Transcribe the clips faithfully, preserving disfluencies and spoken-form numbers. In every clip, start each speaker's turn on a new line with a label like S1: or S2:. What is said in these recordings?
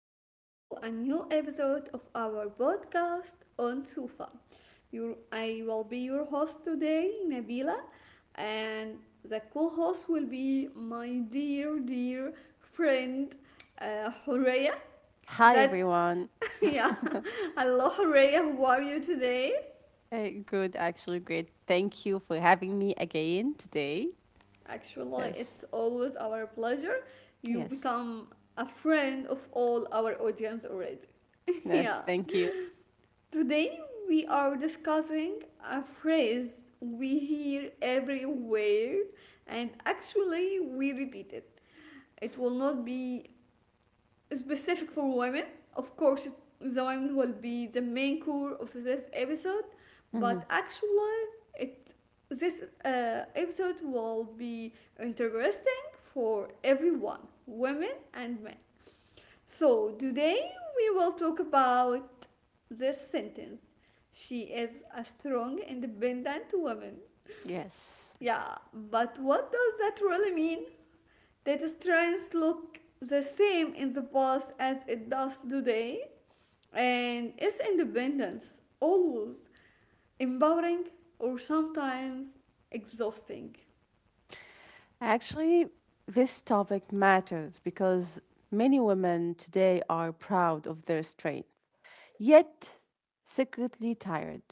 S1: back to a new episode of our podcast on Sufa. Your, I will be your host today, Nabila, and the co host will be my dear, dear friend, uh, Horea.
S2: Hi,
S1: That,
S2: everyone.
S1: yeah, hello, Horea, how are you today?
S2: Uh, good, actually, great. Thank you for having me again today.
S1: Actually,
S2: Yes,
S1: it's always our pleasure. You
S2: yes,
S1: become a friend of all our audience already.
S2: yes,
S1: Yeah.
S2: thank you.
S1: Today we are discussing a phrase we hear everywhere, and actually we repeat it. It will not be specific for women. Of course, it, the women will be the main core of this episode,
S2: Mhm.
S1: but actually it this uh, episode will be interesting for everyone, women and men. So today we will talk about this sentence. She is a strong, independent woman.
S2: Yes.
S1: Yeah, but what does that really mean? Did strength look the same in the past as it does today? And is independence always empowering, or sometimes exhausting?
S2: Actually, this topic matters because many women today are proud of their strength, yet secretly tired.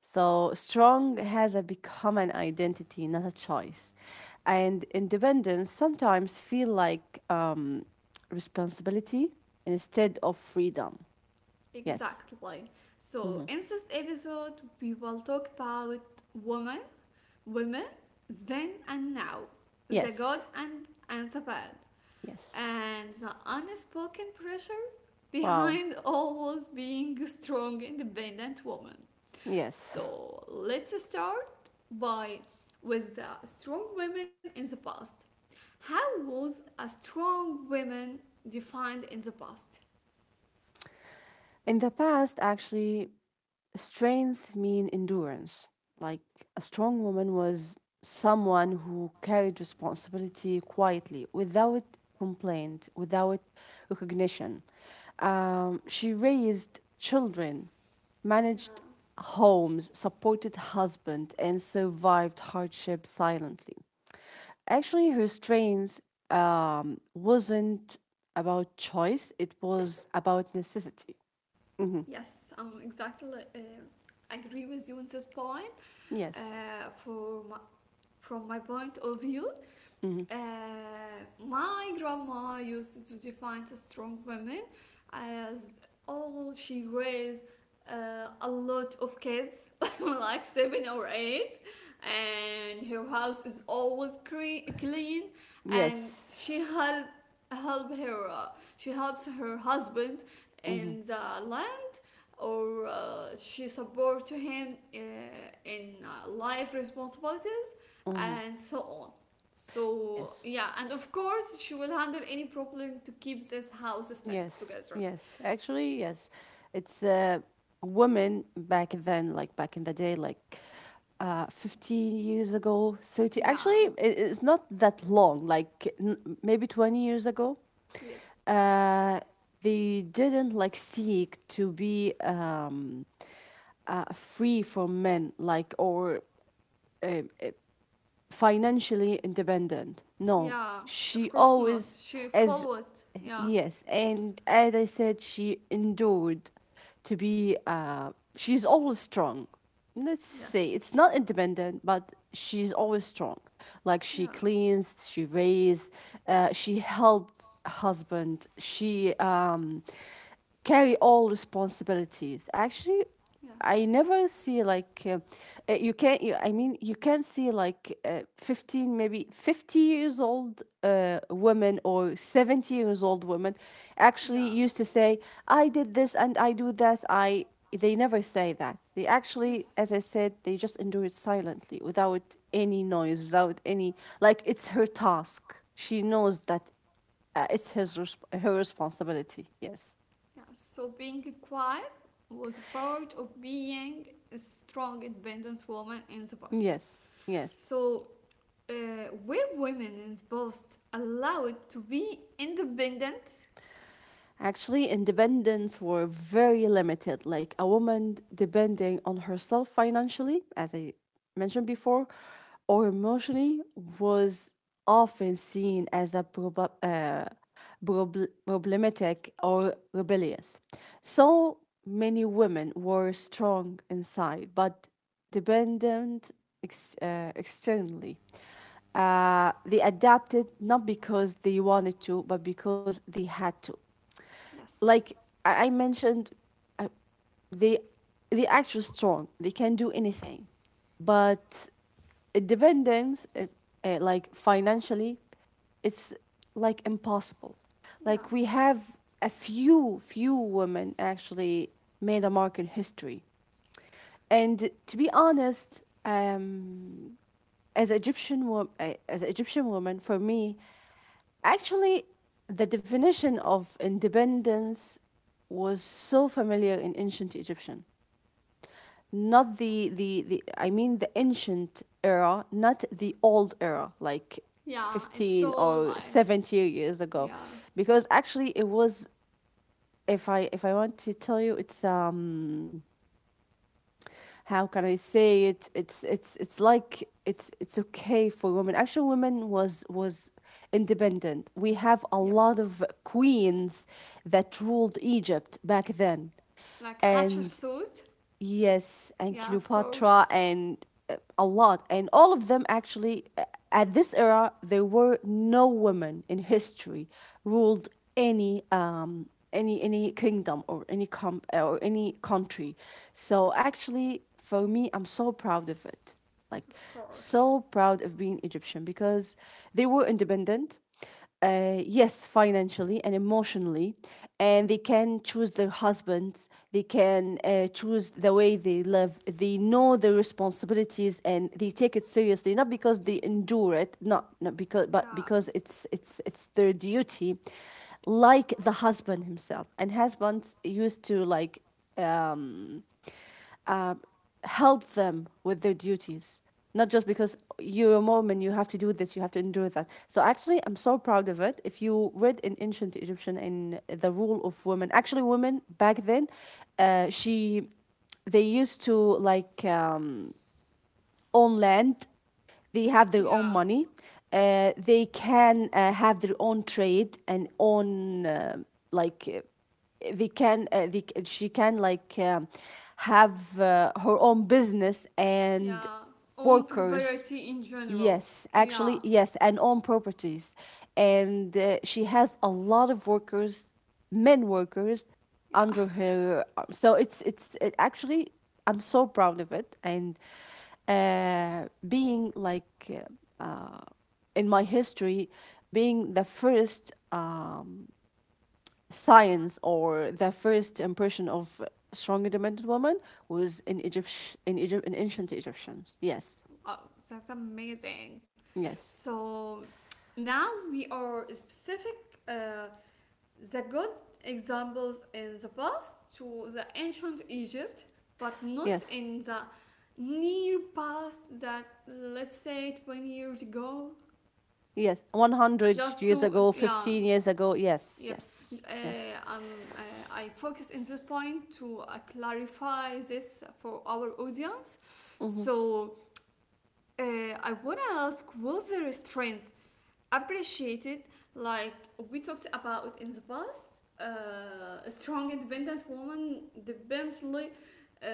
S2: So strong has a become an identity, not a choice. And independence sometimes feel like um, responsibility instead of freedom. Yes.
S1: Exactly. So
S2: Mhm.
S1: in this episode, we will talk about women, women, then and now, the good
S2: Yes.
S1: and and the bad,
S2: Yes.
S1: and the unspoken pressure
S2: Wow.
S1: behind always being a strong independent woman.
S2: Yes.
S1: So let's start by with the strong women in the past. How was a strong woman defined in the past?
S2: In the past, actually, strength mean endurance. Like a strong woman was someone who carried responsibility quietly, without complaint, without recognition. Um, she raised children,
S1: Yeah.
S2: managed homes, supported husband, and survived hardship silently. Actually, her strength um, wasn't about choice; it was about necessity. Mhm.
S1: Yes, I'm exactly, uh, agree with you on this point.
S2: Yes.
S1: Uh, for my, from my point of view,
S2: Mm-hmm.
S1: Uh, my grandma used to define a strong woman as, oh, she raised uh, a lot of kids like seven or eight, and her house is always cre- clean, and
S2: Yes.
S1: she help help her uh, she helps her husband
S2: Mm-hmm.
S1: in the land, or uh, she support to him uh, in uh, life responsibilities,
S2: Mm-hmm.
S1: and so on. So
S2: Yes.
S1: yeah, and of course she will handle any problem to keep this house stuck
S2: Yes.
S1: together.
S2: Yes. Actually, yes. It's uh, Women back then, like back in the day, like uh, fifteen years ago, thirty. Actually,
S1: Yeah.
S2: it, it's not that long, like n- maybe twenty years ago.
S1: Yep.
S2: Uh, they didn't like seek to be um, uh, free from men, like, or uh, financially independent. No,
S1: Yeah. Of
S2: she
S1: course not.
S2: always,
S1: She
S2: as
S1: followed. Yeah.
S2: yes, and as I said, she endured to be. Uh, she's always strong. Let's say it's
S1: Yes.
S2: not independent, but she's always strong. Like she
S1: Yeah.
S2: cleans, she raised, uh, she helped husband. She um carry all responsibilities. Actually,
S1: Yes.
S2: I never see like uh, uh, you can't. You, I mean, you can see like uh, fifteen, maybe fifty years old uh, women or seventy years old women
S1: Yeah.
S2: actually used to say, "I did this and I do that." I They never say that. They actually,
S1: Yes.
S2: as I said, they just endure it silently without any noise, without any like it's her task. She knows that uh, it's his resp- her responsibility. Yes,
S1: Yeah. So being quiet was a part of being a strong, independent woman in the past.
S2: yes, yes.
S1: So uh, were women in the past allowed to be independent?
S2: Actually, independence were very limited, like a woman depending on herself financially, as I mentioned before, or emotionally was often seen as a prob- uh, prob- problematic or rebellious. So many women were strong inside, but dependent ex- uh, externally. Uh, they adapted not because they wanted to, but because they had to, like
S1: Yes.
S2: I, I mentioned, uh, they they actually strong. They can do anything, but dependence, uh, uh, like financially, it's like impossible. Like we
S1: Yes.
S2: have a few few women actually made a mark in history, and to be honest, um, as Egyptian wo- uh, as Egyptian woman, for me, actually, the definition of independence was so familiar in ancient Egyptian. Not the, the, the, I mean the ancient era, not the old era, like
S1: Yeah, it's
S2: fifteen
S1: so
S2: or
S1: like
S2: seventy years ago.
S1: yeah,
S2: Because actually it was, if I if I want to tell you, it's um how can I say it? It's it's it's like it's it's okay for women. Actually, women was was independent. We have a
S1: yep.
S2: lot of queens that ruled Egypt back then,
S1: Like Hatcher
S2: and
S1: suit?
S2: yes, and
S1: Yeah, of course.
S2: Cleopatra and uh, a lot. And all of them, actually, uh, at this era, there were no women in history ruled any um any any kingdom or any com or any country. So actually, for me, I'm so proud of it. Like
S1: Of course.
S2: so proud of being Egyptian because they were independent, uh, yes, financially and emotionally, and they can choose their husbands. They can uh, choose the way they live. They know their responsibilities and they take it seriously, not because they endure it, not not because, but
S1: Yeah.
S2: because it's it's it's their duty, like the husband himself. And husbands used to like help them with their duties, not just
S1: Yep.
S2: because you're a Mormon, you have to do this, you have to endure that. So actually, I'm so proud of it. If you read in ancient Egyptian in the rule of women, actually, women back then, uh, she, they used to like um, own land, they have their own
S1: Yeah.
S2: money. Uh, they can uh, have their own trade and own uh, like uh, they can uh, they, she can like um, have uh, her own business and
S1: Yeah. Own
S2: workers.
S1: property in general.
S2: Yes,
S1: Yeah.
S2: actually, yes, and own properties. And uh, she has a lot of workers, men workers,
S1: Yeah.
S2: under her. uh, So it's it's it actually, I'm so proud of it. And uh, being like uh, in my history, being the first uh, science or the first impression of strong independent woman was in Egypt in Egypt in ancient Egyptians. Yes,
S1: Wow, that's amazing.
S2: yes,
S1: So now we are specific, uh, the good examples in the past, to the ancient Egypt, but not
S2: yes.
S1: in the near past, that, let's say, twenty years ago.
S2: Yes,
S1: It's
S2: one hundred
S1: just
S2: years
S1: to
S2: ago,
S1: yeah,
S2: fifteen years ago. Yes,
S1: yep.
S2: yes,
S1: Uh,
S2: yes.
S1: um, uh, I focus in this point to uh, clarify this for our audience.
S2: Mm-hmm.
S1: So uh, I wanna ask, was there strength appreciated like we talked about in the past? Uh, a strong independent woman dependently, uh,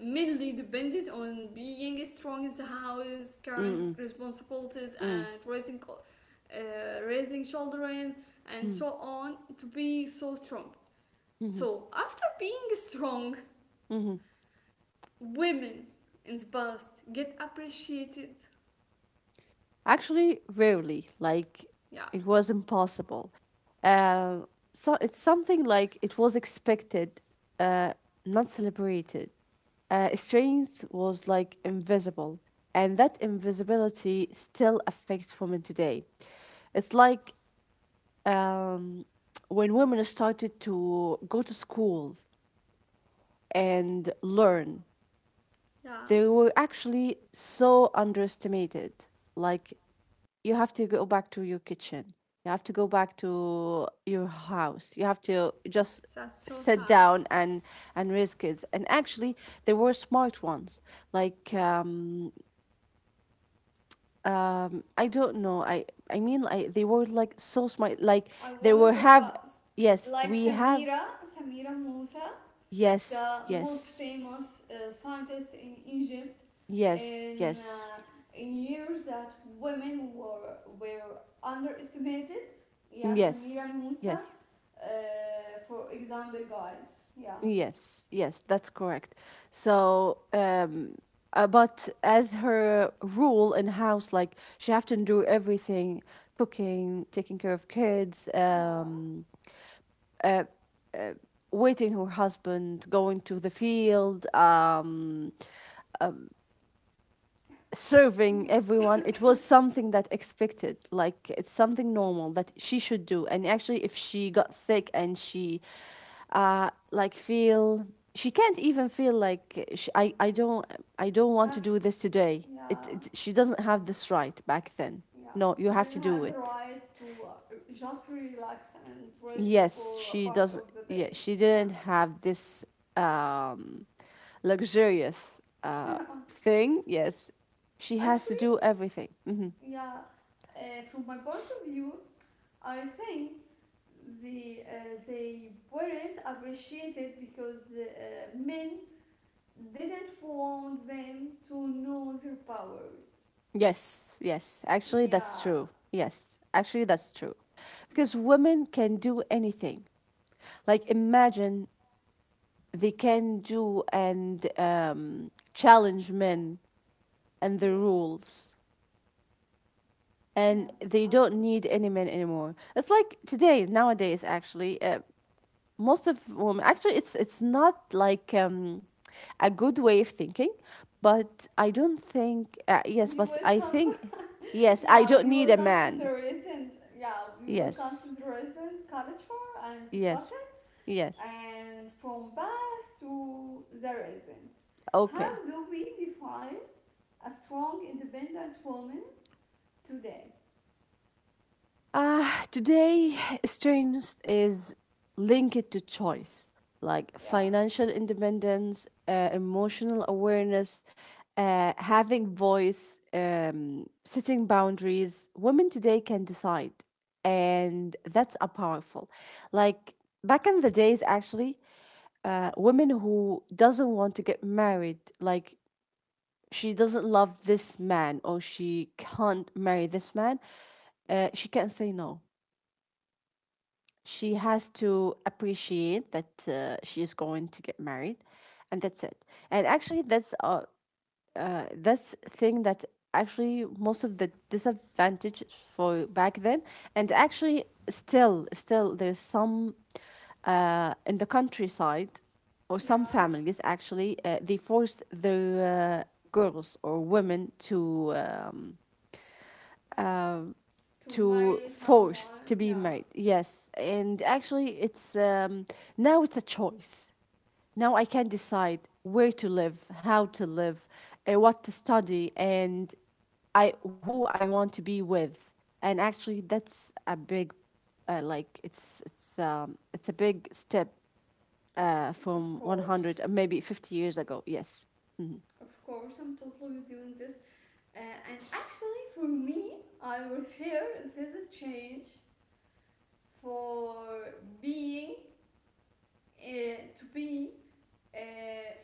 S1: mainly depended on being strong in the house, carrying
S2: Mm-mm.
S1: responsibilities
S2: Mm.
S1: and raising uh, raising children and
S2: Mm.
S1: so on to be so strong.
S2: Mm-hmm.
S1: So after being strong,
S2: Mm-hmm.
S1: women in the past get appreciated?
S2: Actually, rarely. Like,
S1: Yeah,
S2: it was impossible. Uh, so it's something like it was expected, uh, not celebrated. Uh, strength was like invisible, and that invisibility still affects women today. It's like um, when women started to go to school and learn.
S1: yeah,
S2: They were actually so underestimated. Like, you have to go back to your kitchen, you have to go back to your house, you have to just
S1: that's so
S2: sit
S1: sad.
S2: down and and raise kids, and actually they were smart ones, like um um I don't know I i mean I, they were like so smart, like
S1: I
S2: they were
S1: wanna talk
S2: have
S1: about
S2: yes,
S1: like
S2: we have.
S1: Samira, Samira Moussa,
S2: Yes,
S1: the most
S2: yes,
S1: famous uh, scientist in Egypt,
S2: yes,
S1: in uh,
S2: yes,
S1: in years that women were were underestimated. Yeah, Samira
S2: yes,
S1: Moussa,
S2: yes.
S1: uh, for example, guys. Yeah,
S2: Yes, yes, that's correct. So, um, uh, but as her rule in house, like she have to do everything: cooking, taking care of kids,
S1: yeah,
S2: um, uh, uh, waiting her husband, going to the field. Um,
S1: yeah.
S2: serving everyone, it was something that expected, like it's something normal that she should do. And actually, if she got sick and she uh like feel, she can't even feel like she, I I don't, I don't want to
S1: Have
S2: do this today,
S1: Yeah.
S2: it, it, she doesn't have this right back then.
S1: Yeah,
S2: No,
S1: she
S2: you have
S1: didn't
S2: to
S1: have
S2: do
S1: the
S2: it.
S1: right to uh, just relax and rest
S2: Yes,
S1: for a
S2: she
S1: part
S2: doesn't.
S1: of the
S2: Yeah,
S1: day.
S2: she
S1: Yeah.
S2: didn't have this um luxurious uh
S1: Yeah.
S2: thing. Yes, she has
S1: Actually,
S2: to do everything. Mm-hmm.
S1: yeah, uh, from my point of view, I think the uh, they weren't appreciated because uh, men didn't want them to know their powers.
S2: Yes, yes. Actually, that's
S1: Yeah.
S2: true. Yes, actually, that's true. Because women can do anything. Like, imagine they can do and um, challenge men and the
S1: Yep.
S2: rules, and
S1: Yes.
S2: they
S1: Um.
S2: don't need any men anymore. It's like today, nowadays, actually, uh, most of women, actually, it's it's not like um, a good way of thinking, but I don't think, uh, yes,
S1: We
S2: but
S1: will
S2: I
S1: come.
S2: think, yes, I
S1: Yeah,
S2: don't
S1: we
S2: need
S1: will
S2: a
S1: come to
S2: man.
S1: the recent. Yeah, we will come
S2: Yes.
S1: to the recent culture and
S2: Yes,
S1: discussion,
S2: yes.
S1: and from past to the recent. How
S2: Okay.
S1: do we define a strong, independent woman today?
S2: Ah, today, strength is linked to choice, like
S1: Yeah,
S2: financial independence, uh, emotional awareness, uh, having voice, um, setting boundaries. Women today can decide, and that's a powerful. Like back in the days, actually, uh, women who doesn't want to get married, like she doesn't love this man or she can't marry this man, uh, she can't say no. She has to appreciate that uh, she is going to get married, and that's it. And actually, that's uh, uh that's thing that actually most of the disadvantage for back then, and actually still still there's some uh in the countryside, or some
S1: yeah.
S2: families actually uh, they force their uh, girls or women to um,
S1: To
S2: to
S1: marry
S2: force to be
S1: someone,
S2: married.
S1: yeah,
S2: Yes, and actually, it's um, now it's a choice. Now I can decide where to live, how to live, uh, what to study, and I who I want to be with. And actually, that's a big, uh, like it's it's um it's a big step uh
S1: of
S2: from one hundred,
S1: course.
S2: uh, maybe fifty years ago. Yes,
S1: Of course, I'm totally doing this. Uh, and actually, for me, I refer this is a change for being uh, to be uh,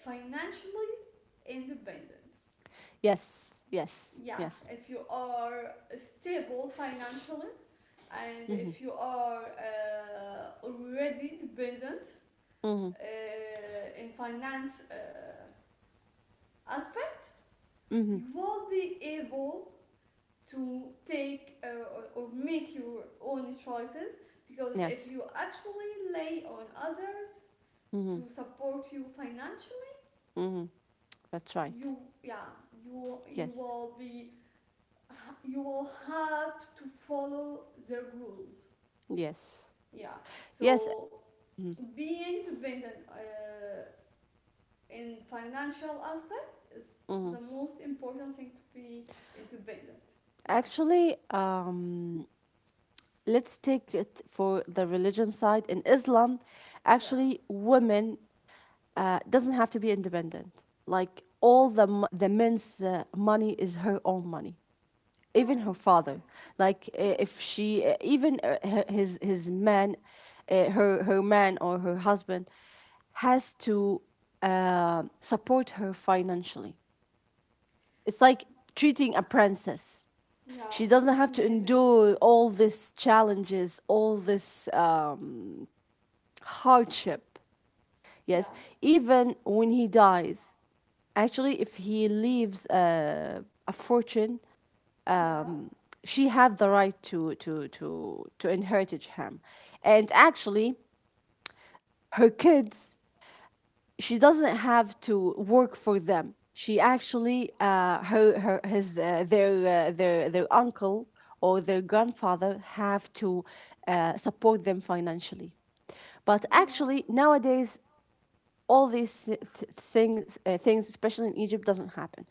S1: financially independent.
S2: yes, yes,
S1: Yes,
S2: yes.
S1: if you are stable financially, and
S2: Mm-hmm.
S1: if you are uh, already dependent
S2: Mm-hmm.
S1: uh, in finance uh, aspect,
S2: Mm-hmm.
S1: you will be able to take uh, or, or make your own choices, because if
S2: Yes.
S1: you actually lay on others
S2: Mm-hmm.
S1: to support you financially,
S2: Mm-hmm. That's right.
S1: you yeah, you you
S2: Yes.
S1: will be you will have to follow their rules.
S2: Yes.
S1: Yeah,
S2: Yes.
S1: so
S2: Mhm.
S1: being dependent uh, in financial aspect is the
S2: Mhm.
S1: most important thing to be independent. Yeah,
S2: Actually, um, let's take it for the religion side. In Islam,
S1: yeah,
S2: actually, women uh, doesn't have to be independent. Like all the m- the men's uh, money is her own money.
S1: yeah.
S2: Even
S1: It's,
S2: her father,
S1: it's
S2: like uh,
S1: Yeah,
S2: if she, uh, even uh, her- his his man, uh, her her man or her husband, has to uh, support her financially. It's like treating a princess.
S1: yeah.
S2: She doesn't
S1: That's
S2: have to
S1: amazing.
S2: endure all these challenges, all this um, hardship.
S1: Yeah,
S2: Yes, even when he dies, actually, if he leaves a, a fortune,
S1: yeah,
S2: she has the right to to to to inherit him, and actually, her kids, she doesn't have to work for them. She actually, uh, her her his uh, their uh, their their uncle or their grandfather have to uh, support them financially. But actually,
S1: yeah,
S2: nowadays, all these si-, th- things, uh, things, especially in Egypt, doesn't happen.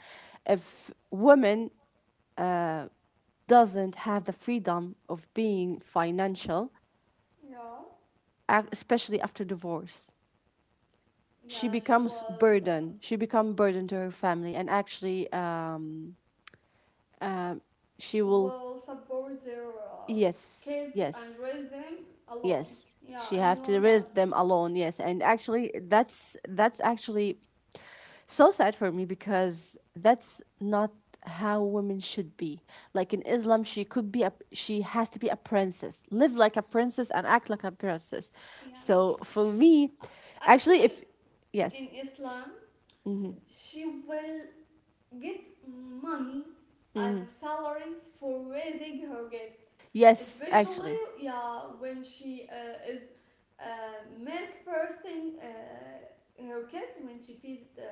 S2: If women doesn't have the freedom of being financial,
S1: yeah.
S2: ac- especially after divorce, she
S1: Yeah, she
S2: becomes
S1: will uh,
S2: burden. She become burden to her family, and actually, um, she will.
S1: will support their uh,
S2: Yes,
S1: kids
S2: yes,
S1: and raise them alone.
S2: yes,
S1: Yeah,
S2: she
S1: I
S2: have to
S1: know
S2: raise
S1: that.
S2: them alone. Yes, and actually, that's that's actually so sad for me, because that's not how women should be. Like in Islam, she could be a she has to be a princess, live like a princess, and act like a princess.
S1: Yeah,
S2: So for me,
S1: A-
S2: actually
S1: actually,
S2: if
S1: in
S2: yes.
S1: Islam,
S2: Hmm.
S1: she will get money as
S2: Hmm.
S1: a salary for raising her kids,
S2: Yes,
S1: especially
S2: actually,
S1: yeah, when she uh, is uh, milk person, uh, her kids, when she feeds the,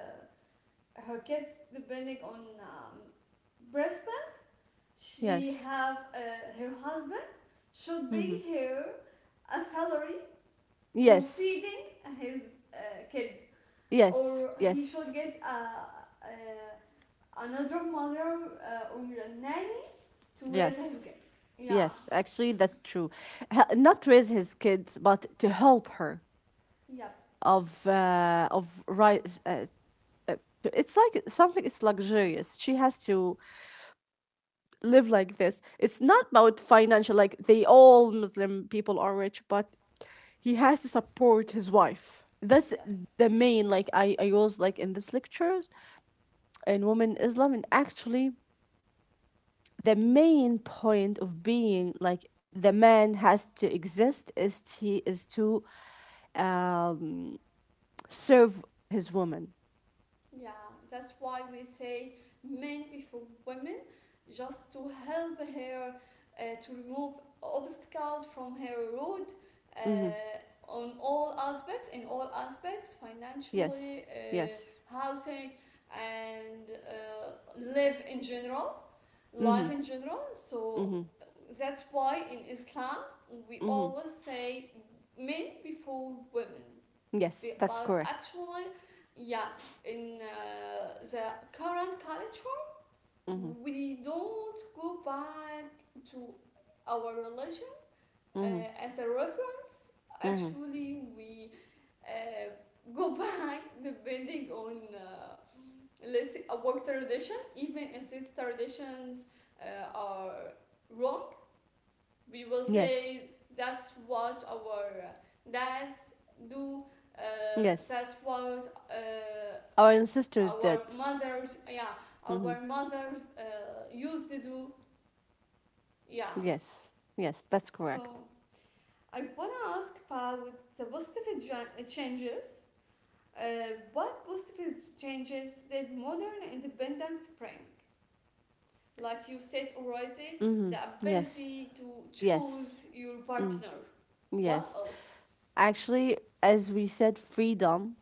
S1: her kids depending on um, breast milk. She
S2: yes,
S1: have uh, her husband should pay her a salary for
S2: yes,
S1: feeding his uh, kid,
S2: yes,
S1: or he
S2: yes,
S1: should get a, a another mother, uh, or a nanny to raise
S2: yes.
S1: his kid. Yeah,
S2: Yes, actually, that's true. Hel- Not raise his kids, but to help her
S1: yeah.
S2: of uh, of rise. Uh, to- it's like something. It's luxurious. She has to live like this. It's not about financial. Like they all Muslim people are rich, but he has to support his wife. That's
S1: Yes,
S2: the main. Like I, I was like in this lectures in women Islam, and actually the main point of being like the man has to exist is to is to um, serve his woman.
S1: yeah, that's why we say men before women, just to help her uh, to remove obstacles from her road,
S2: hmm
S1: uh, on all aspects, in all aspects, financially,
S2: Yes,
S1: uh,
S2: yes.
S1: housing, and uh, live in general. Life
S2: hmm
S1: in general. So
S2: hmm
S1: that's why in Islam we
S2: hmm
S1: always say men before women.
S2: Yes, that's
S1: But
S2: correct.
S1: actually, yeah, in uh, the current culture,
S2: hmm
S1: we don't go back to our religion
S2: hmm
S1: uh, as a reference.
S2: hmm
S1: Actually, we uh, go back depending on, uh, let's say, a work tradition. Even if these traditions uh, are wrong, we will
S2: Yes,
S1: say that's what our uh, dads do. Uh,
S2: yes.
S1: that's what uh,
S2: Our ancestors
S1: our
S2: did.
S1: mothers, yeah,
S2: hmm
S1: our mothers uh, used to do, yeah.
S2: Yes, yes, that's
S1: So
S2: correct.
S1: I wanna ask Pa with the positive gen- changes. Uh, what positive changes did modern independence bring? Like you said already,
S2: hmm
S1: the
S2: Yes,
S1: ability to
S2: yes,
S1: choose your
S2: mm,
S1: partner. What
S2: yes.
S1: else?
S2: Actually, as we said, freedom.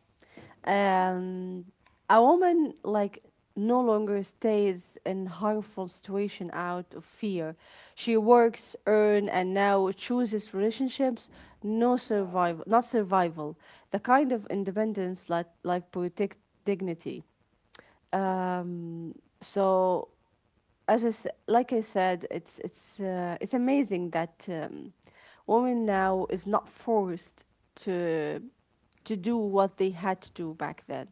S1: Yeah,
S2: Um, a woman like no longer stays in harmful situation out of fear. She works, earn, and now chooses relationships. No
S1: yeah,
S2: survival, not survival. The kind of independence like like protect dignity.
S1: well,
S2: So as I s- like I said, it's it's uh, it's amazing that um,
S1: yeah,
S2: women now is not forced to to do what they had to do back then,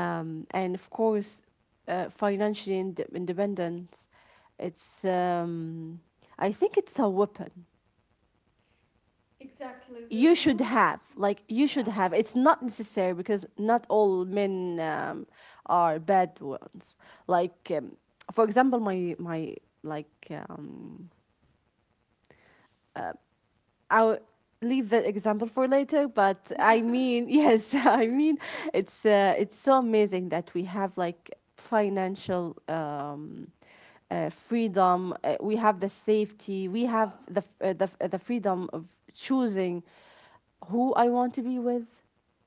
S1: yes,
S2: and of course, uh, financial ind- independence. It's um, I think it's a weapon
S1: exactly
S2: you
S1: with
S2: should
S1: you.
S2: have like you should
S1: Yeah,
S2: have. It's not necessary because not all men um, are bad ones. Like um, for example, my my like um I'll leave that example for later, but
S1: yeah,
S2: I mean, yes, I mean, it's uh, it's so amazing that we have like financial um, uh, freedom. Uh, we have the safety. We have
S1: yeah,
S2: the f- uh, the f- uh, the freedom of choosing who I want to be with.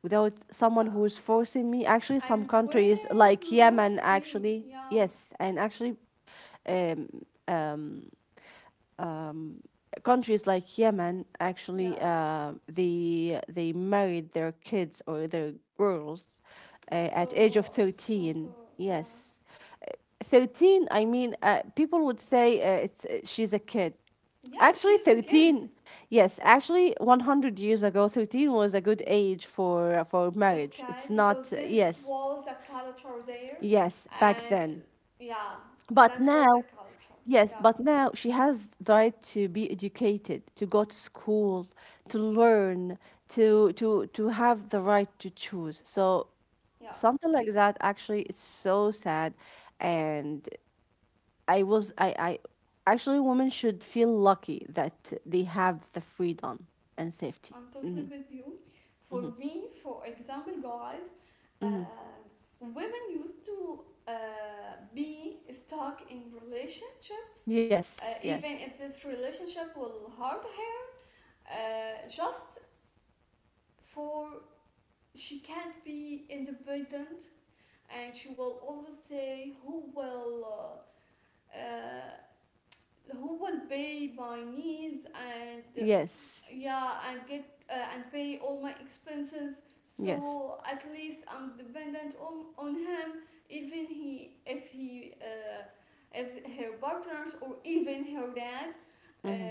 S2: Without someone who
S1: yeah.
S2: is forcing me, actually, some
S1: And
S2: countries
S1: where
S2: like
S1: we want to
S2: Yemen,
S1: be.
S2: actually,
S1: Yeah,
S2: yes, and actually, countries like Yemen actually
S1: yeah.
S2: uh, they they married their kids or their girls uh, at age of
S1: So, so, uh,
S2: thirteen.
S1: yeah.
S2: Yes. Uh, thirteen, I mean, uh, people would say, uh, it's, uh, she's a kid.
S1: Yeah,
S2: Actually,
S1: she's a kid.
S2: thirteen, yes, actually, one hundred years ago thirteen was a good age for for marriage.
S1: Okay,
S2: It's not.
S1: because this
S2: Yes,
S1: was a culture there,
S2: yes, back
S1: and
S2: then.
S1: uh, yeah,
S2: But
S1: that was a
S2: now,
S1: culture.
S2: yes,
S1: Yeah,
S2: but now she has the right to be educated, to go to school, to learn, to to to have the right to choose. So
S1: yeah,
S2: something like that actually is so sad. And I was I I actually women should feel lucky that they have the freedom and safety.
S1: I'm totally
S2: hmm
S1: with you. For
S2: hmm
S1: me, for example, guys, uh,
S2: hmm
S1: women used to uh, be stuck in relationships, uh,
S2: Yes,
S1: even
S2: yes.
S1: if this relationship will hurt her, uh, just for she can't be independent, and she will always say who will. Uh, uh, who will pay my needs, and uh,
S2: Yes.
S1: yeah, and get uh, and pay all my expenses,
S2: Yes.
S1: so at least I'm dependent on, on him, even he if he uh, if her partners or even her dad uh,
S2: hmm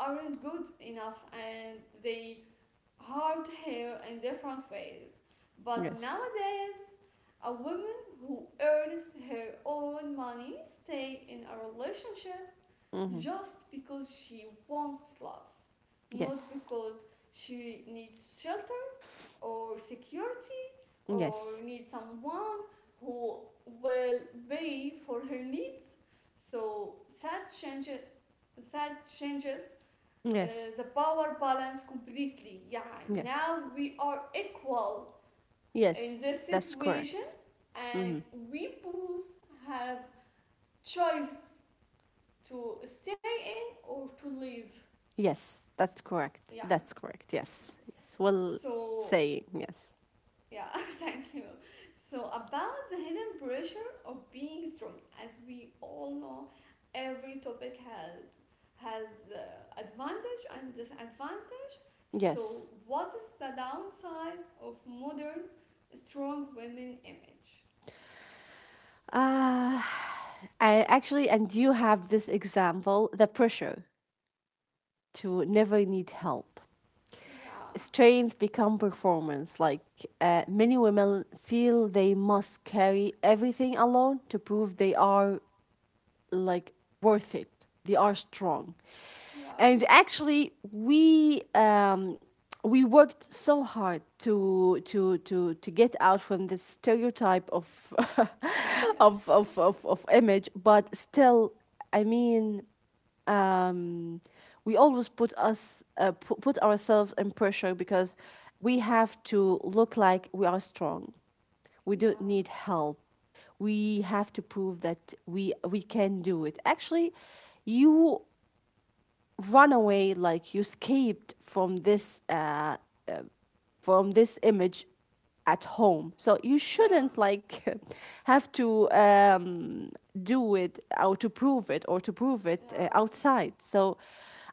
S1: aren't good enough, and they hard hair in different ways. But
S2: Yes.
S1: nowadays, a woman who earns her own money stay in a relationship
S2: hmm
S1: just because she wants love, not
S2: Yes.
S1: because she needs shelter or security, or
S2: Yes.
S1: needs someone who will pay for her needs. So sad changes sad changes, uh,
S2: Yes.
S1: the power balance completely. Yeah,
S2: Yes.
S1: now we are equal in
S2: Yes,
S1: this
S2: that's
S1: situation,
S2: correct.
S1: and
S2: hmm
S1: we both have choice to stay in or to leave.
S2: Yes, that's correct.
S1: Yeah.
S2: That's correct. Yes, yes. Well,
S1: So
S2: saying yes,
S1: yeah, thank you. So about the hidden pressure of being strong, as we all know, every topic has has uh, advantage and disadvantage. So,
S2: yes.
S1: what is the downside of modern strong women image?
S2: Ah, I actually, and you have this example: the pressure to never need help.
S1: Yeah,
S2: Strength become performance. Like uh, many women feel they must carry everything alone to prove they are like worth it. They are strong.
S1: yeah,
S2: And actually, we um, we worked so hard to to to to get out from this stereotype of
S1: yeah,
S2: of, of of of image, but still, I mean, um, we always put us uh, pu- put ourselves in pressure because we have to look like we are strong, we don't
S1: yeah,
S2: need help, we have to prove that we we can do it. Actually, you run away, like you escaped from this uh from this image at home, so you
S1: yeah,
S2: shouldn't like have to um do it or to prove it or to prove it uh,
S1: yeah,
S2: outside. So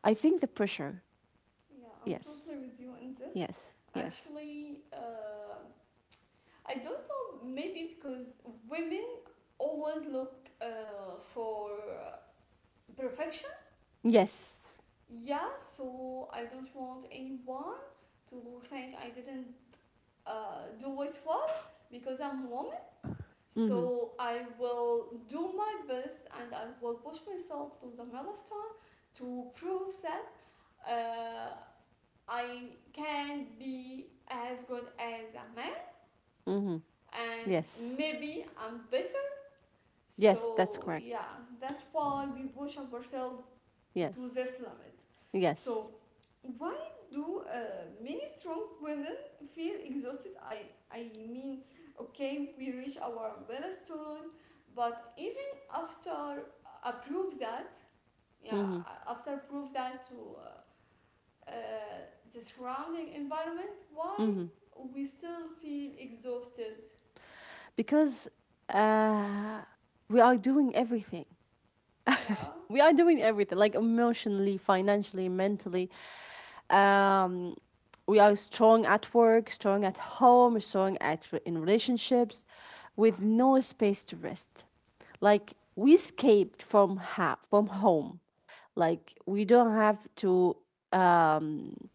S2: I think the pressure.
S1: yeah. I'm
S2: Yes,
S1: totally with you in this.
S2: yes, yes,
S1: Actually, uh, I don't know. Maybe because women always look uh, for perfection.
S2: yes.
S1: Yeah, so I don't want anyone to think I didn't uh, do it well because I'm woman.
S2: Mm-hmm.
S1: So I will do my best, and I will push myself to the milestone to prove that uh, I can be as good as a man,
S2: Mm-hmm.
S1: and
S2: Yes,
S1: maybe I'm better.
S2: yes, that's
S1: So
S2: correct,
S1: yeah, that's why we push ourselves to
S2: yes.
S1: this limit.
S2: Yes.
S1: So why do uh, many strong women feel exhausted? I I mean, okay, we reach our milestone, but even after uh, approve that, yeah,
S2: hmm
S1: after prove that to uh, uh, the surrounding environment, why
S2: hmm
S1: we still feel exhausted?
S2: Because uh, we are doing everything.
S1: Yeah.
S2: We are doing everything, like emotionally, financially, mentally. Um, we are strong at work, strong at home, strong at re- in relationships, with no space to rest. Like we escaped from ha- from home. Like we don't have to um,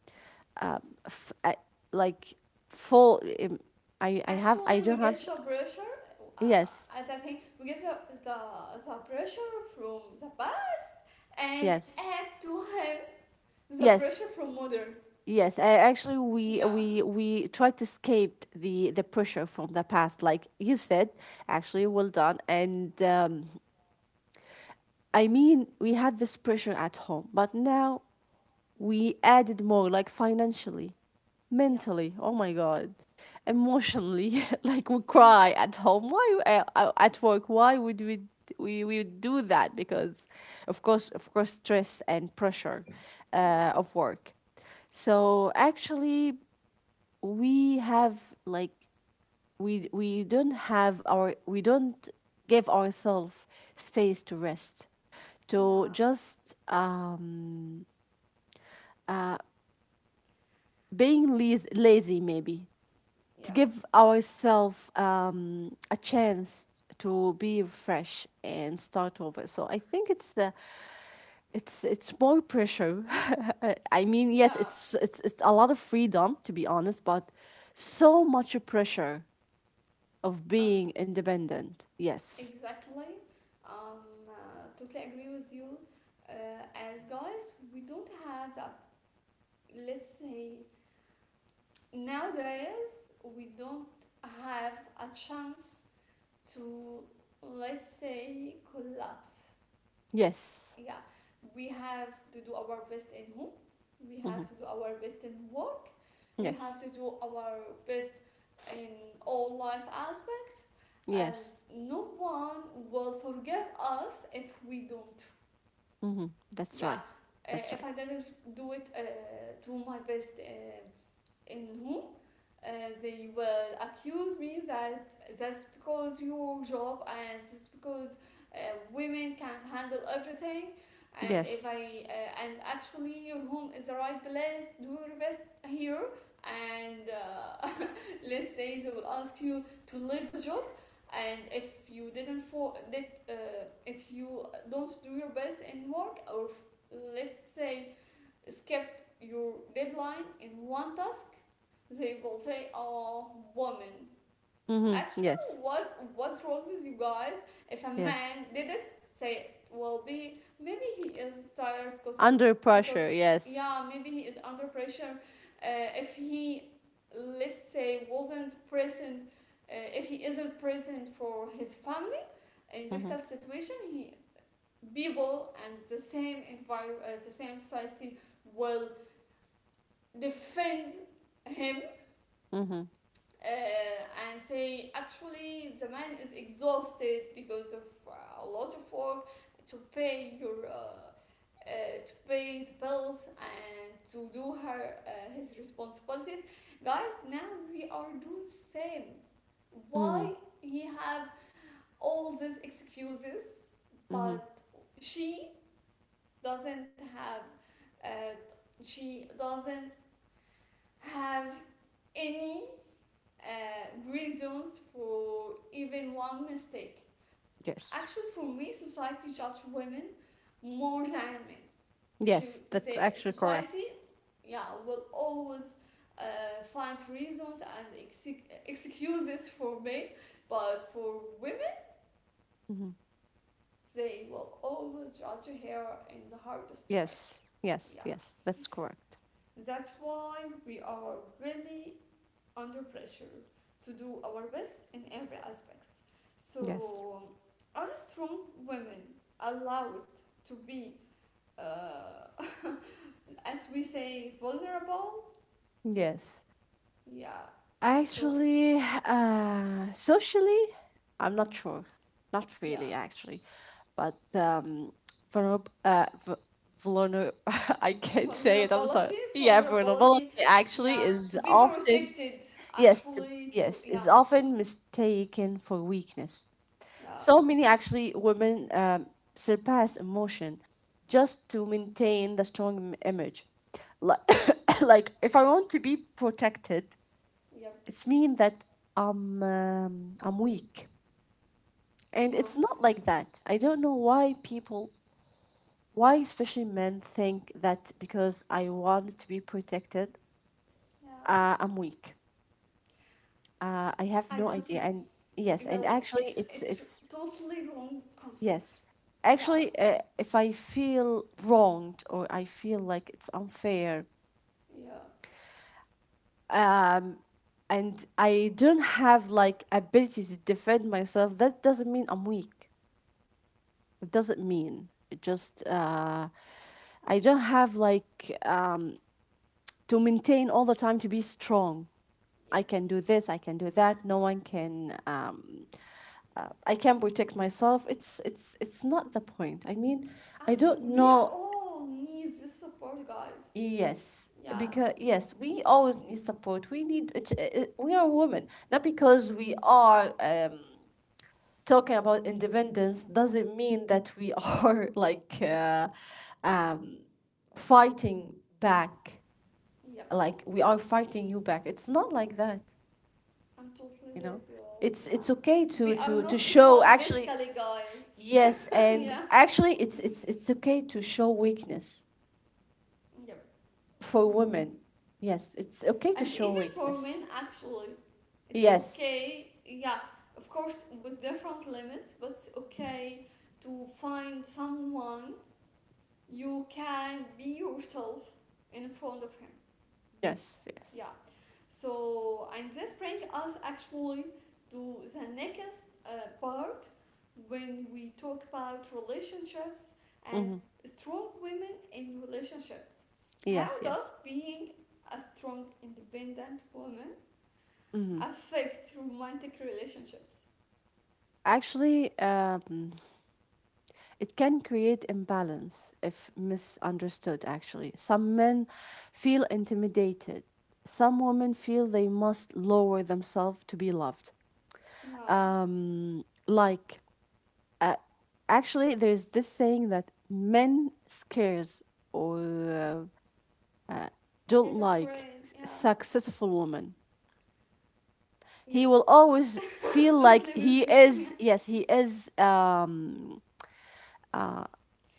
S2: f- uh, like full. Um, I I have I
S1: Actually,
S2: don't
S1: we get
S2: have.
S1: some pressure. Uh,
S2: Yes,
S1: and I think we get the, the, the pressure from the, and
S2: yes,
S1: add to him the pressure
S2: yes,
S1: from mother.
S2: yes. I actually we
S1: Yeah,
S2: we we tried to escape the the pressure from the past, like you said. Actually, well done. And um, I mean, we had this pressure at home, but now we added more, like financially,
S1: yeah,
S2: mentally. Oh my God, emotionally. Like we
S1: yes,
S2: cry at home. Why uh, uh, at work? Why would we? We, we would do that because of course of course stress and pressure
S1: yeah,
S2: uh, of work. So actually, we have like we we don't have our we don't give ourselves space to rest, to
S1: yeah,
S2: just um being lazy, lazy maybe, to
S1: yeah,
S2: give ourselves um a chance to be fresh and start over. So I think it's the, it's it's more pressure. I mean, yes,
S1: yeah.
S2: it's it's it's a lot of freedom to be honest, but so much pressure of
S1: Um,
S2: being independent. Yes.
S1: exactly. Um, uh, Totally agree with you. Uh, as guys, we don't have that. Let's say nowadays we don't have a chance to, let's say, collapse,
S2: Yes.
S1: yeah, we have to do our best in home, we
S2: hmm
S1: have to do our best in work, we
S2: Yes.
S1: have to do our best in all life aspects,
S2: Yes.
S1: as no one will forgive us if we don't.
S2: hmm That's
S1: Yeah,
S2: right.
S1: uh,
S2: That's
S1: if
S2: right.
S1: I didn't do it uh, to my best uh, in whom, uh, they will accuse me that that's because your job, and that's because uh, women can't handle everything, and if
S2: Yes.
S1: I uh, and actually your home is the right place, do your best here, and uh, let's say they will ask you to leave the job. And if you didn't for that, uh, if you don't do your best in work, or, let's say, skipped your deadline in one task, they will say, "Oh, woman."
S2: hmm
S1: Actually,
S2: Yes.
S1: what what's wrong with you guys? If a
S2: Yes.
S1: man did it, say it will be maybe he is tired because
S2: Under
S1: because
S2: pressure. Yes.
S1: yeah, maybe he is under pressure. Uh, if he let's say wasn't present, uh, if he isn't present for his family in
S2: hmm
S1: difficult situation, he people and the same environment, uh, the same society will defend him
S2: hmm
S1: uh, and say actually the man is exhausted because of uh, a lot of work to pay your uh, uh, to pay his bills and to do her uh, his responsibilities, guys. Now we are do the same.
S2: hmm
S1: Why he have all these excuses,
S2: hmm
S1: but she doesn't have, uh, she doesn't have any uh, reasons for even one mistake.
S2: Yes.
S1: Actually, for me, society judge women more than men. She,
S2: Yes. That's
S1: they,
S2: actually correct.
S1: society, yeah, will always uh, find reasons and ex excuses for men, but for women,
S2: hmm
S1: they will always judge her in the hardest way.
S2: Yes. Yes.
S1: Yeah,
S2: Yes. That's correct.
S1: that's why we are really under pressure to do our best in every aspects.
S2: Yes.
S1: So are strong women allowed to be, uh, as we say, vulnerable?
S2: Yes.
S1: Yeah. So
S2: Actually, uh, socially, I'm not sure. Not
S1: yeah,
S2: really, actually. But um, vulnerable, uh, v- vulner- I can't say it. I'm sorry.
S1: vulnerability,
S2: Yeah, vulnerability
S1: vulnerability.
S2: actually
S1: Yeah,
S2: is
S1: to be
S2: often
S1: protected.
S2: yes, t-
S1: Actually, to
S2: yes, is
S1: yeah,
S2: often mistaken for weakness.
S1: yeah,
S2: So many actually women um, surpass emotion just to maintain the strong im- image. Like, like if I want to be protected,
S1: yeah,
S2: it's mean that I'm um, I'm weak, and
S1: yeah,
S2: it's not like that. I don't know why people, why especially men, think that because I want to be protected,
S1: yeah.
S2: uh, I'm weak. Uh, I have
S1: I
S2: no
S1: don't
S2: idea.
S1: know.
S2: And yes, and
S1: Really,
S2: actually,
S1: it's
S2: it's
S1: it's
S2: it's
S1: totally wrong concept.
S2: yes.
S1: Yeah.
S2: Actually, uh, if I feel wronged or I feel like it's unfair
S1: Yeah.
S2: and I don't have like ability to defend myself, that doesn't mean I'm weak. It doesn't mean it just uh, I don't have like um, to maintain all the time to be strong. I can
S1: Yes.
S2: do this. I can do that. No one can. Um, uh, I can protect myself. It's it's it's not the point. I mean, I
S1: Actually,
S2: don't
S1: we
S2: know.
S1: all need this support, guys.
S2: Yes,
S1: Yeah.
S2: because yes, we always need support. We need. it- it- We are women. Not because we are um, talking about independence doesn't mean that we are like. Uh, um, fighting back,
S1: Yep.
S2: like we are fighting you back. It's not like that.
S1: I'm totally
S2: You know,
S1: with you.
S2: it's
S1: Yeah.
S2: it's okay
S1: We
S2: to
S1: are
S2: to to
S1: not
S2: show
S1: equal
S2: actually.
S1: physically, guys.
S2: Yes,
S1: Yeah.
S2: and actually, it's it's it's okay to show weakness
S1: Yep.
S2: for
S1: Always.
S2: women. Yes, it's okay to
S1: And
S2: show
S1: even for
S2: weakness.
S1: men, actually, it's
S2: Yes,
S1: okay. Yeah. Of course, with different limits, but it's okay to find someone you can be yourself in front of him.
S2: yes, yes.
S1: Yeah. So, and this brings us actually to the next uh, part when we talk about relationships and
S2: Mm-hmm.
S1: strong women in relationships.
S2: Yes,
S1: How does
S2: yes.
S1: being a strong, independent woman
S2: Mm-hmm.
S1: affect romantic relationships?
S2: Actually, um it can create imbalance if misunderstood, actually. Some men feel intimidated. Some women feel they must lower themselves to be loved.
S1: Yeah,
S2: Um, like, uh, actually, there's this saying that men scares or uh, don't
S1: get a
S2: like
S1: brain. Yeah,
S2: successful women. He
S1: yep,
S2: will always
S1: I'm
S2: feel
S1: totally
S2: like he
S1: with you. Yeah.
S2: is, yes, he is, um,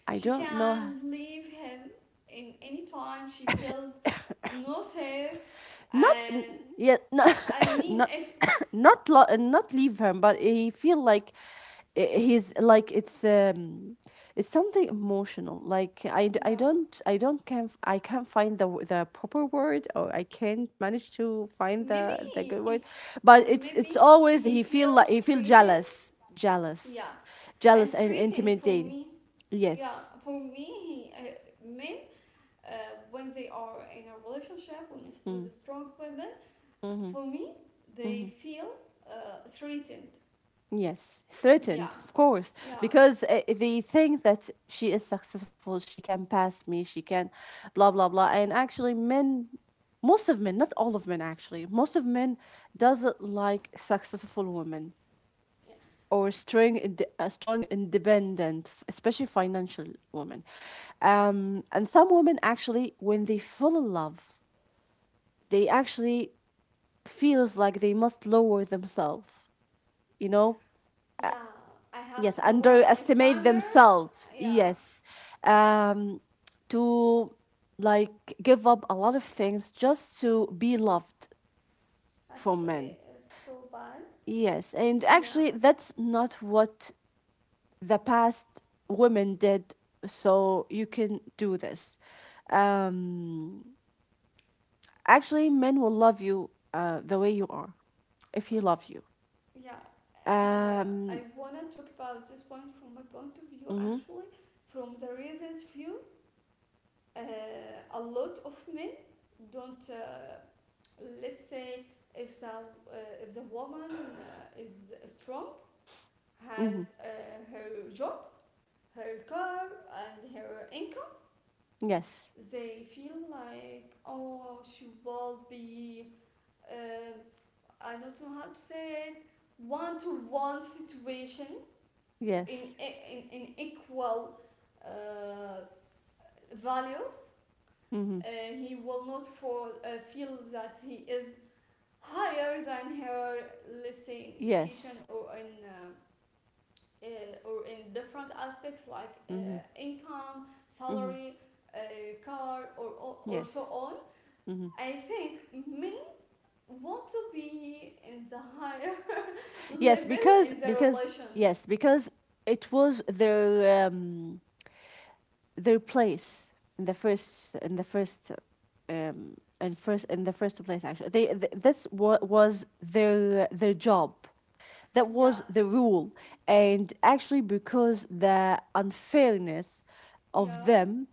S2: I
S1: She
S2: don't know.
S1: can leave him in any time she feels no safe
S2: Not n-
S1: and
S2: yeah, not
S1: I mean
S2: not
S1: if
S2: not lo- not leave him, but he feel like uh, he's like it's um it's something emotional. Like I, d- I
S1: yeah,
S2: don't I don't can I I can't find the w- the proper word or I can't manage to find
S1: maybe
S2: the the
S1: he,
S2: good
S1: he-
S2: word, but it's
S1: maybe
S2: it's always
S1: he
S2: he feel like
S1: feels
S2: he feel
S1: threatened,
S2: jealous,
S1: yeah,
S2: jealous,
S1: and
S2: jealous and
S1: threatened. For me,
S2: intimidated.
S1: yeah,
S2: Yes.
S1: for me he uh, men, uh, when they are in a relationship when it's- with a
S2: Mm.
S1: strong women,
S2: Mm-hmm.
S1: for me they feel uh, threatened.
S2: Yes,
S1: Yeah.
S2: threatened, of course,
S1: Yeah.
S2: because uh, they think that she is successful, she can pass me, she can blah blah blah. And actually men, most of men, not all of men, actually, most of men doesn't like successful women,
S1: Yeah.
S2: or strong inde- uh, strong independent, f- especially financial women. Um and some women actually when they fall in love, they actually feels like they must lower themselves, you know?
S1: Yeah, I have
S2: Yes,
S1: to lower my
S2: underestimate
S1: standards.
S2: themselves,
S1: Yeah,
S2: yes. um to like give up a lot of things just to be loved from men.
S1: actually it's so bad.
S2: Yes, and
S1: Yeah.
S2: actually that's not what the past women did, so you can do this. um actually men will love you uh the way you are, if he loves you.
S1: Yeah, uh, I
S2: um
S1: wanna talk about this point from my point of view
S2: mm-hmm,
S1: actually, from the recent view. Uh, a lot of men don't, uh, let's say, if the, uh, if the woman uh, is strong, has
S2: mm-hmm,
S1: uh, her job, her car, and her income,
S2: yes,
S1: they feel like, oh, she will be, uh, I don't know how to say it, one to one situation in
S2: yes,
S1: in, in equal uh, values,
S2: mm-hmm,
S1: uh, he will not for, uh, feel that he is higher than her, let's say, in education
S2: yes,
S1: or in uh, uh, or in different aspects like uh,
S2: mm-hmm,
S1: income,
S2: mm-hmm.
S1: salary, uh, car, or, or or so
S2: Yes.
S1: on.
S2: hmm
S1: I think men want to be in the higher
S2: Yes,
S1: level
S2: because
S1: in the
S2: because
S1: relation.
S2: yes, because it was their um their place in the first in the first um in first in the first place actually. They th- that's what was their their job. That
S1: Yeah,
S2: was the rule. And actually because the unfairness of
S1: yeah,
S2: them,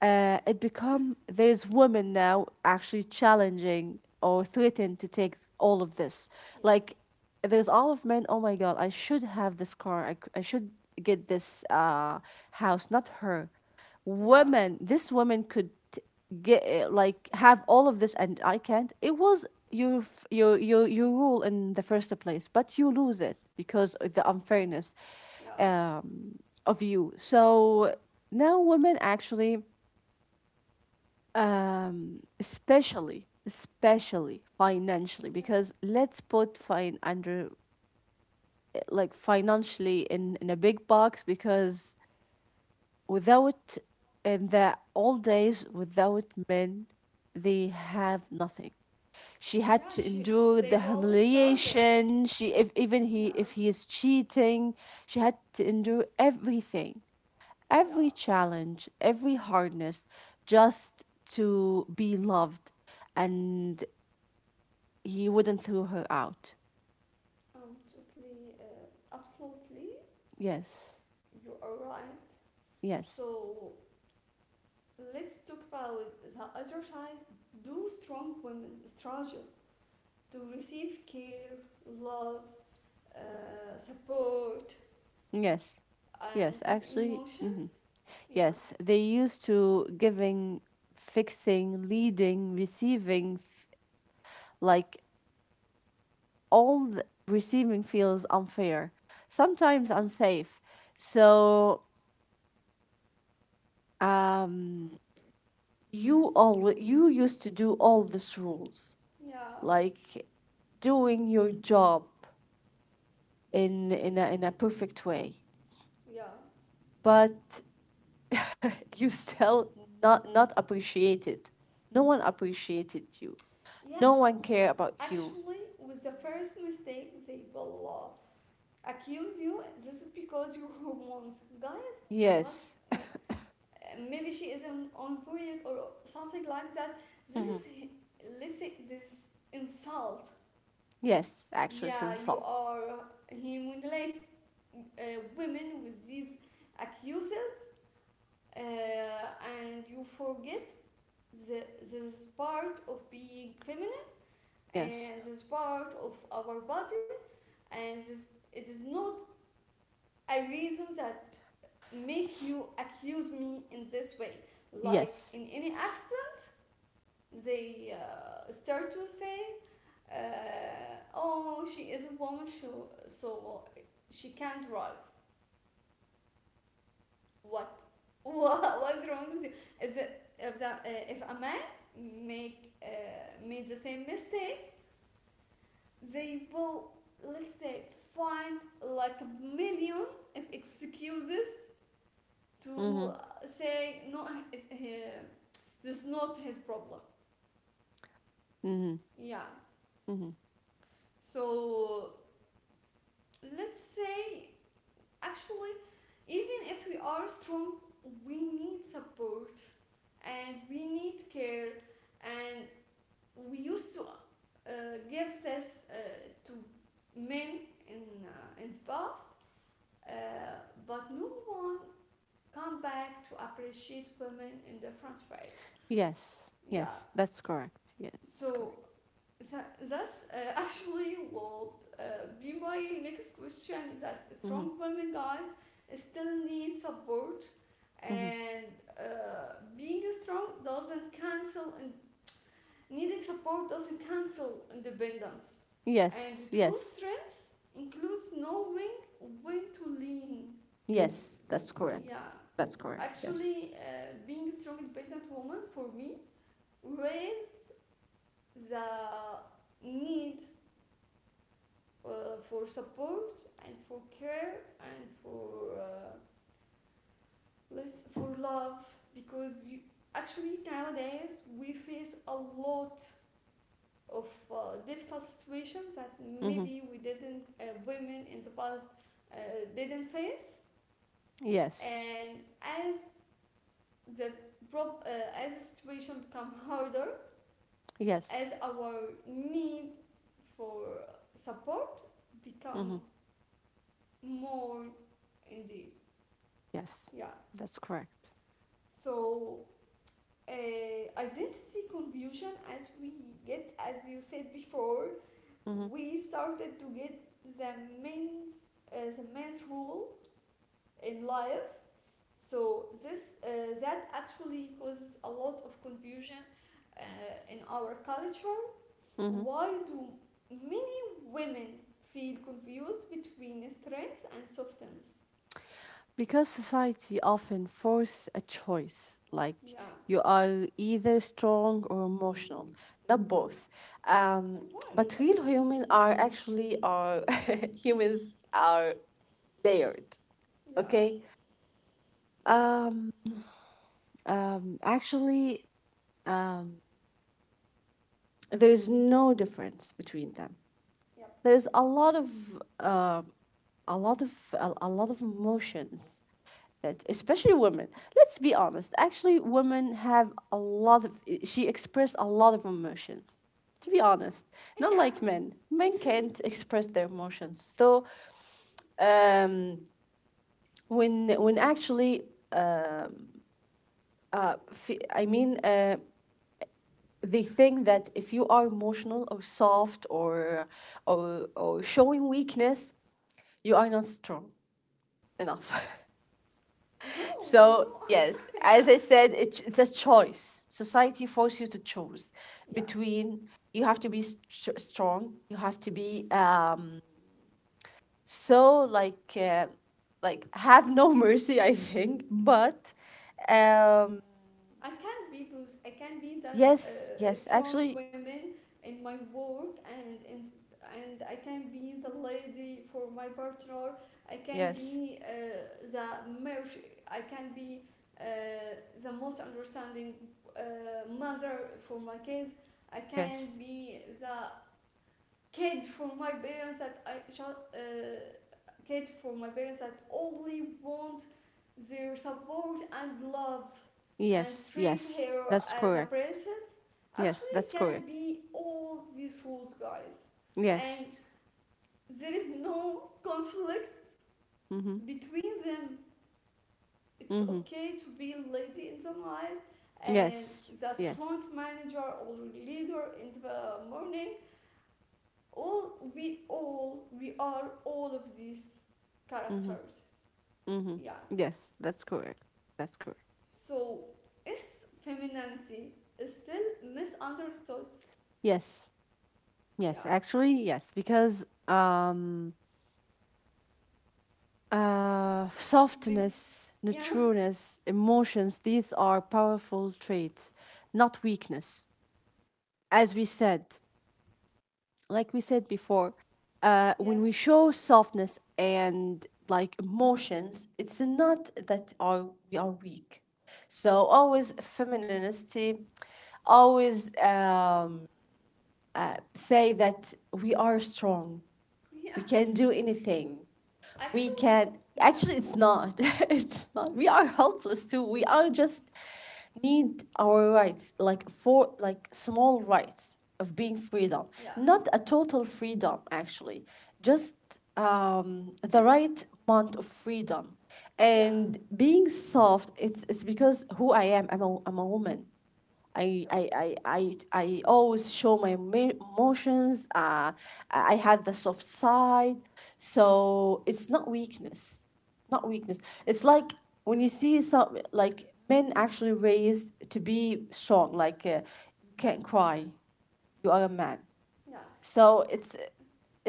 S2: uh, it become there's women now actually challenging or threaten to take th- all of this. Like
S1: yes,
S2: there's all of men, oh my god, I should have this car, i, c- I should get this uh house, not her.
S1: yeah,
S2: Women, this woman could get uh, like have all of this and I can't. It was your f- your your your rule in the first place, but you lose it because of the unfairness
S1: yeah.
S2: um of you. So now women actually um especially especially financially,
S1: Yeah.
S2: because let's put fine under eh, like financially in in a big box, because without, in the old days without men, they have nothing. She
S1: Yeah,
S2: had to
S1: she,
S2: endure
S1: they will
S2: the
S1: all starving.
S2: humiliation, she, if even he
S1: Yeah.
S2: if he is cheating, she had to endure everything,
S1: Yeah.
S2: every challenge, every hardness, just to be loved. And he wouldn't throw her out.
S1: Um, totally, uh, absolutely.
S2: Yes,
S1: You are right.
S2: yes,
S1: So let's talk about the other side. Do strong women struggle to receive care, love, uh, support,
S2: yes,
S1: and
S2: yes.
S1: these
S2: Actually, hmm
S1: emotions? Yeah.
S2: yes. They used to giving, fixing, leading, receiving, f- like all the receiving feels unfair,
S1: Yeah.
S2: sometimes unsafe. So um, you all you used to do all these rules,
S1: Yeah.
S2: like doing your job in in a, in a perfect way,
S1: Yeah.
S2: but you still not not appreciated, no one appreciated you,
S1: Yeah.
S2: no one care about you.
S1: Actually, with the first mistake, they will accuse you this is because your hormones. Guys, what?
S2: Yes.
S1: Yeah. Uh, maybe she is on on period or something like that. This is
S2: Mhm.
S1: he- let's say this insult.
S2: Yes, actually
S1: Yeah,
S2: since
S1: you
S2: all.
S1: are, he manipulates uh, women with these accuses, uh, and you forget the this is part of being feminine,
S2: Yes,
S1: and this is part of our body, and this, it is not a reason that make you accuse me in this way. Like
S2: yes.
S1: in any accident, they uh, start to say, uh, "Oh, she is a woman, so so well, she can't drive." What? What? What's wrong with you? If the, if the, uh, if a man make uh, made the same mistake, they will let's say find like a million of excuses to
S2: Mm-hmm.
S1: uh, say no, it- he- this is not his problem.
S2: Mm-hmm.
S1: Yeah.
S2: Mm-hmm.
S1: So let's say actually even if we are strong, we need support and we need care, and we used to uh, give this uh, to men in uh, in the past, uh, but no one come back to appreciate women in different ways.
S2: Yes.
S1: Yeah.
S2: Yes, that's correct. Yeah. That's correct.
S1: So Tha- That's uh, actually will uh, be my next question. That
S2: Mm-hmm.
S1: strong women, guys, still need support,
S2: Mm-hmm.
S1: and uh, being strong doesn't cancel, and needing support doesn't cancel independence. And
S2: Yes,
S1: true
S2: yes,
S1: strength includes knowing when to lean.
S2: yes, that's correct.
S1: Yeah,
S2: That's correct. Yes.
S1: actually, uh, being a strong, independent woman for me raise the need uh, for support and for care and for uh, let's for love, because you, actually nowadays we face a lot of uh, difficult situations that
S2: Mm-hmm.
S1: maybe we didn't uh, women in the past uh, didn't face,
S2: Yes.
S1: and as the prob- uh, as the situation become harder,
S2: Yes.
S1: as our need for support become
S2: Hmm.
S1: more indeed.
S2: Yes.
S1: Yeah.
S2: That's correct.
S1: So uh, identity confusion, as we get, as you said before,
S2: Hmm.
S1: we started to get the man's uh, the man's role in life. So this uh, that actually caused a lot of confusion uh, in our culture.
S2: Hmm.
S1: Why do many women feel confused between strengths and softness?
S2: Because society often force a choice, like
S1: Yeah.
S2: you are either strong or emotional, not both. Um,
S1: Why?
S2: but real human are actually are humans are layered.
S1: Yeah.
S2: Okay. Um, um, Actually, there is no difference between them.
S1: Yep.
S2: There's a lot of uh, a lot of a, a lot of emotions that especially women, let's be honest, actually women have a lot of, she expressed a lot of emotions, to be
S1: Yes.
S2: honest. Not
S1: Yeah.
S2: like men, men can't express their emotions. So um, when when actually uh, fe- i mean uh, they think that if you are emotional or soft or or, or showing weakness, you are not strong enough.
S1: No,
S2: So,
S1: no,
S2: yes,
S1: yeah,
S2: as I said, it's, it's a choice. Society forces you to choose
S1: yeah,
S2: between you have to be st- strong, you have to be
S1: yes.
S2: um, so like uh, like have no mercy, I think. But um,
S1: I can be boost. I can be that
S2: yes,
S1: uh,
S2: yes,
S1: strong
S2: actually,
S1: women in my work, and in, and I can be the lady for my partner. I can
S2: yes,
S1: be uh, the merch. I can be uh, the most understanding uh, mother for my kids. I can
S2: yes,
S1: be the kid from my parents that I shall, uh, kid from my parents that only want their support and love, and
S2: yes,
S1: treat
S2: yes.
S1: her
S2: That's
S1: as a
S2: correct.
S1: princess.
S2: Yes,
S1: Actually
S2: that's
S1: it
S2: correct.
S1: can be all these rules, guys, and
S2: Yes.
S1: there is no conflict
S2: Mm-hmm.
S1: between them. It's
S2: Mm-hmm.
S1: okay to be a lady in the night and
S2: Yes.
S1: the strong
S2: Yes.
S1: manager or leader in the morning. All we all we are all of these
S2: Mm-hmm.
S1: characters.
S2: Mm-hmm.
S1: Yeah.
S2: Yes, that's correct. That's correct.
S1: So is femininity is still misunderstood?
S2: Yes, yes,
S1: Yeah.
S2: actually, yes, because um, uh,
S1: the
S2: softness,
S1: Yeah.
S2: nurtureness, emotions, these are powerful traits, not weakness. As we said, like we said before, uh, when
S1: Yes.
S2: we show softness and like emotions, it's not that are we are weak. So always femininity, always um say that we are strong. We
S1: Yeah.
S2: can do anything. We
S1: Actually,
S2: can
S1: yeah,
S2: actually it's not. It's not. We are helpless too. We are just need our rights, like for like small rights of being freedom.
S1: yeah,
S2: Not a total freedom actually. Just um the right amount of freedom.
S1: yeah,
S2: And being soft, it's it's because who I am. I'm a, I'm a woman. I
S1: yep,
S2: I I I, I always show my emo- emotions. Uh, I I have the soft side, so it's not weakness, not weakness. It's like when you see some like men actually raised to be strong. Like uh, you can't cry, you are a man.
S1: yeah,
S2: So it's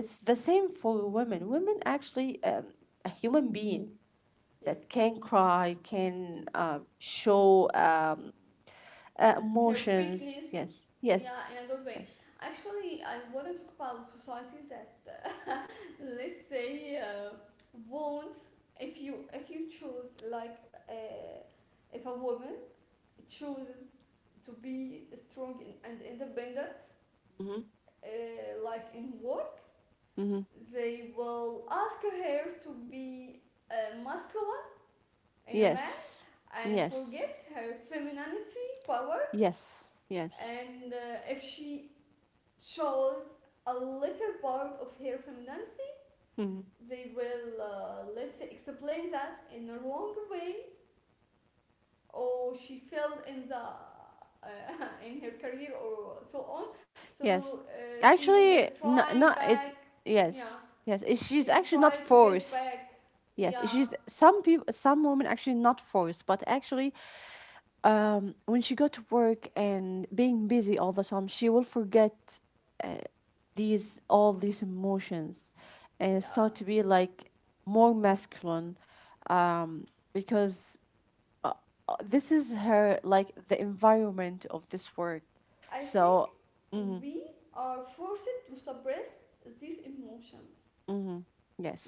S2: it's the same for women. Women actually um, a human being
S1: yep,
S2: that can cry, can uh, show. Um, uh,
S1: her
S2: emotions.
S1: weakness.
S2: Yes.
S1: Yeah,
S2: Yes.
S1: in a good way.
S2: Yes.
S1: Actually, I want to talk about societies that, uh, let's say, uh, won't, if you if you choose like uh, if a woman chooses to be strong in- and independent,
S2: Mm-hmm.
S1: uh, like in work,
S2: Mm-hmm.
S1: they will ask her to be uh, masculine in a man
S2: Yes.
S1: and
S2: Yes.
S1: forget her femininity power.
S2: Yes. Yes.
S1: And uh, if she shows a little part of her femininity,
S2: Mm-hmm.
S1: they will, uh, let's say, explain that in a wrong way, or she failed in the uh, in her career or so on. So
S2: Yes.
S1: uh, she
S2: Actually,
S1: is
S2: no,
S1: trying
S2: no,
S1: back.
S2: it's
S1: Yeah,
S2: yes, yes. it-
S1: she
S2: She's
S1: is
S2: actually not
S1: trying to get
S2: forced.
S1: back.
S2: Yes,
S1: Yeah,
S2: she's some people, some women actually not forced, but actually, um, when she go to work and being busy all the time, she will forget these all these emotions, and
S1: yeah.
S2: start to be like more masculine. Um, because uh, uh, this is her like the environment of this work.
S1: I think
S2: So, mhm,
S1: we are forced to suppress these emotions.
S2: mhm,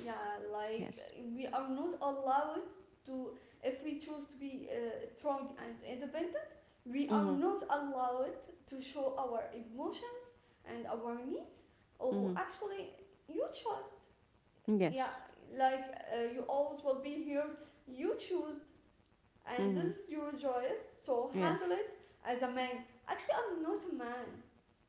S1: Yeah, like
S2: yes,
S1: we are not allowed to, if we choose to be uh, strong and independent, we are
S2: mhm,
S1: not allowed to show our emotions and our needs. Or
S2: mhm,
S1: actually, you chose. Yeah,
S2: yes,
S1: like uh, you always will be here. You choose, and this
S2: mhm,
S1: is your choice. So handle
S2: yes,
S1: it as a man. Actually, I'm not a man.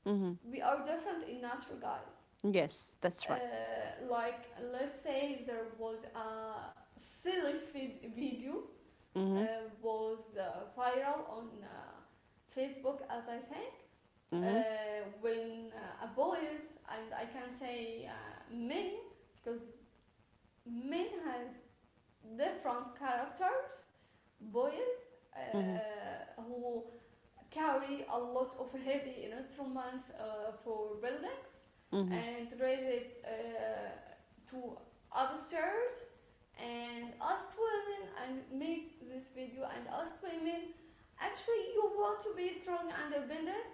S2: mhm,
S1: We are different in nature, guys.
S2: yes. That's right.
S1: Uh, like let's say there was a silly vid- video
S2: Mhm,
S1: uh, was uh, viral on uh, Facebook as I think, uh,
S2: mhm,
S1: when uh, a boys, and I can say uh, men, because men have different characters, boys
S2: mhm,
S1: uh, who carry a lot of heavy instruments uh, for buildings
S2: mhm.
S1: and raise it uh, to upstairs, and ask women and make this video and ask women, actually you want to be strong and independent,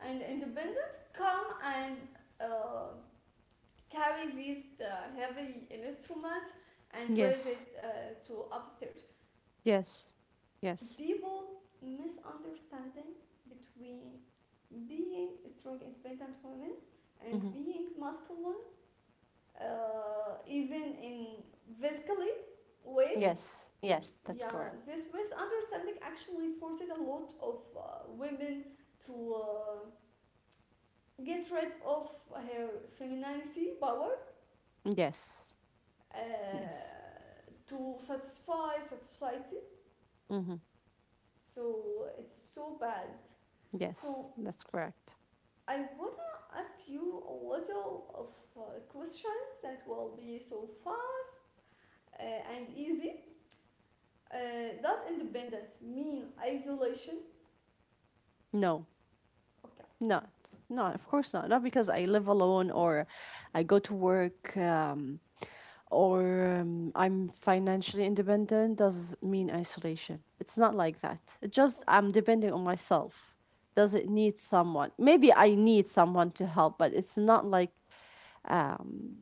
S1: and independent come and uh, carry these uh, heavy instruments and raise
S2: Yes,
S1: it uh, to upstairs.
S2: yes, yes,
S1: People misunderstanding between being strong independent women and
S2: mhm,
S1: being masculine uh, even in physically way.
S2: yes, yes. That's
S1: Yeah,
S2: correct.
S1: this misunderstanding actually forced a lot of uh, women to uh, get rid of her femininity power
S2: Yes,
S1: uh,
S2: yes,
S1: to satisfy society,
S2: mhm,
S1: so it's so bad.
S2: yes.
S1: So
S2: That's correct.
S1: I wanna ask you a little of uh, questions that will be so fun uh, and easy. Uh, does independence mean isolation?
S2: No.
S1: Okay.
S2: No, no, of course not. Not because I live alone or I go to work um, or um, I'm financially independent doesn't
S1: Yeah.
S2: mean isolation. It's not like that. It just
S1: Okay.
S2: I'm depending on myself. Does it need someone? Maybe I need someone to help, but it's not like um,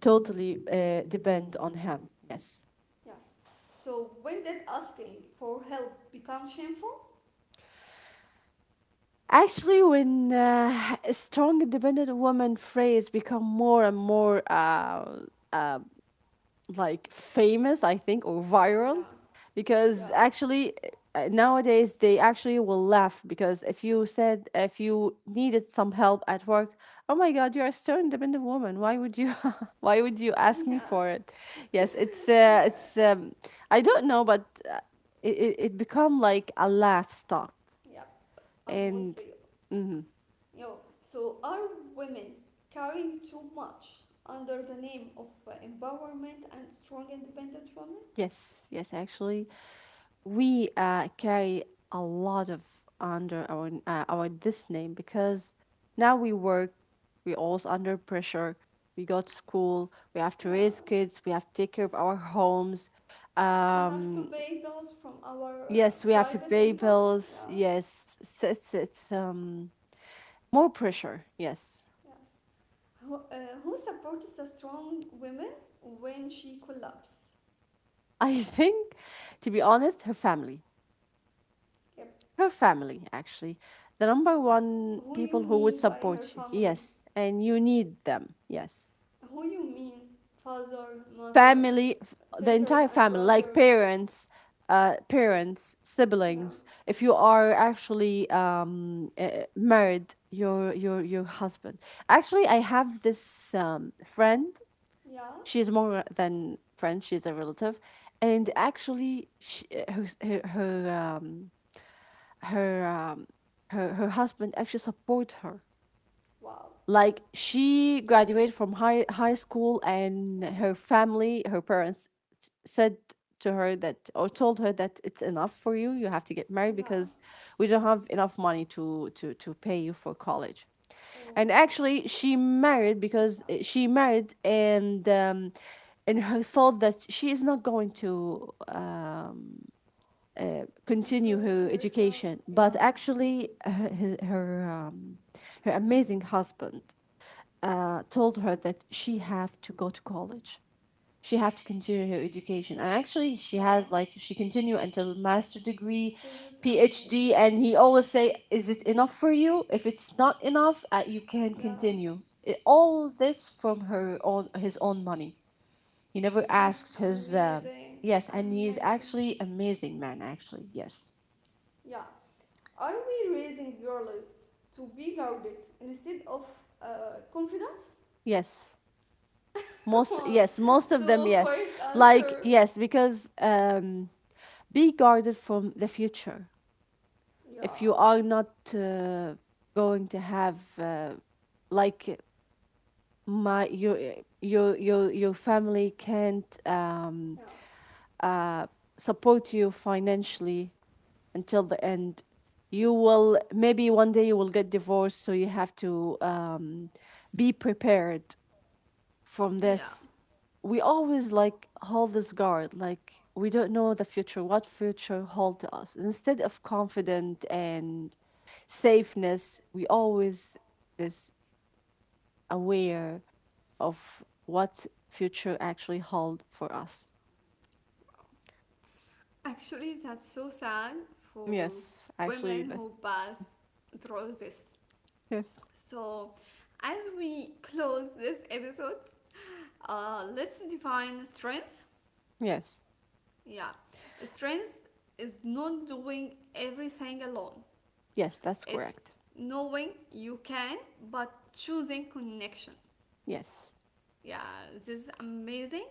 S2: totally uh, depend on him. Yes.
S1: Yes. So when did asking for help become shameful?
S2: Actually, when uh, a strong independent woman phrase become more and more uh, like famous, I think, or
S1: Yeah.
S2: viral,
S1: Yeah.
S2: because actually uh, nowadays they actually will laugh because if you said if you needed some help at work, oh my God, you're a stern independent woman. Why would you? Why would you ask
S1: Yeah.
S2: me for it? Yes, it's uh,
S1: Okay.
S2: it's um, I don't know, but uh, it it, it become like a laugh stock
S1: Yep. I'm with
S2: and
S1: you. Yo. So are women carrying too much under the name of uh, empowerment and strong independent women?
S2: yes, yes, actually, we uh, carry a lot of under our uh, our this name because now we work, we also under pressure. We go to school, we have to
S1: Yeah.
S2: raise kids, we have to take care of our homes.
S1: We have to
S2: Um,
S1: pay bills from our uh,
S2: yes, we have to
S1: private
S2: pay
S1: income.
S2: bills.
S1: Yeah,
S2: Yes, it's it's, it's um more pressure. Yes,
S1: yes. Who, uh, who supports the strong women when she collapses?
S2: I think, to be honest, her family.
S1: Yep.
S2: Her family, actually. The number one
S1: Who you
S2: people who would
S1: mean by
S2: support
S1: her
S2: you.
S1: family?
S2: Yes. And you need them. Yes.
S1: Who you mean father, mother,
S2: Family, f- the
S1: sisters
S2: entire
S1: and
S2: family, like
S1: brothers?
S2: parents, uh, parents,
S1: Yeah,
S2: siblings. If you are actually um, uh, married, your your your husband. Actually, I have this um, friend.
S1: yeah.
S2: She is more than friend. She is a relative, and actually, she, her her her um, her um, her her husband actually support her.
S1: Wow.
S2: Like she graduated from high high school and
S1: Yeah,
S2: her family, her parents s- said to her that or told her that it's enough for you. You have to get married
S1: yeah.
S2: because we don't have enough money to to to pay you for college, and
S1: Oh,
S2: actually she married
S1: so
S2: because
S1: sad.
S2: uh, she married and um, and her thought that she is not going to uh, continue
S1: Improve
S2: her
S1: herself.
S2: education, but
S1: Yeah,
S2: actually her her, her, um, her amazing husband uh, told her that she have to go to college. She have to continue her education. And actually, she had
S1: yeah.
S2: like she continue until master degree,
S1: This is
S2: PhD,
S1: amazing.
S2: and he always say, "Is it enough for you? If it's not enough, uh, you can
S1: Yeah.
S2: continue." It, all this from her own his own money. He never
S1: This is
S2: asked his. Uh,
S1: amazing,
S2: yes, and he's
S1: amazing.
S2: actually amazing man. Actually, yes,
S1: Yeah. Are we raising girls to be guarded instead of uh, confident?
S2: yes. Most, yes, most of them,
S1: So
S2: yes.
S1: quick
S2: Like,
S1: answer.
S2: yes, because um, be guarded from the future. If
S1: Yeah,
S2: you are not uh, going to have, uh, like, my your your your your family can't um,
S1: yeah.
S2: uh, support you financially until the end. You will maybe one day you will get divorced, so you have to um, be prepared from
S1: Yeah.
S2: this. We always like hold this guard like we don't know the future what future hold to us instead of confident and safeness. We always this aware of what future actually hold for us.
S1: Actually, that's so sad for
S2: Yes, actually,
S1: women
S2: that's
S1: who pass through this.
S2: yes.
S1: So, as we close this episode, uh, let's define strengths.
S2: Yes.
S1: Yeah. Strengths is not doing everything alone.
S2: Yes, that's
S1: It's
S2: correct.
S1: knowing you can, but choosing connection.
S2: Yes.
S1: Yeah, this is amazing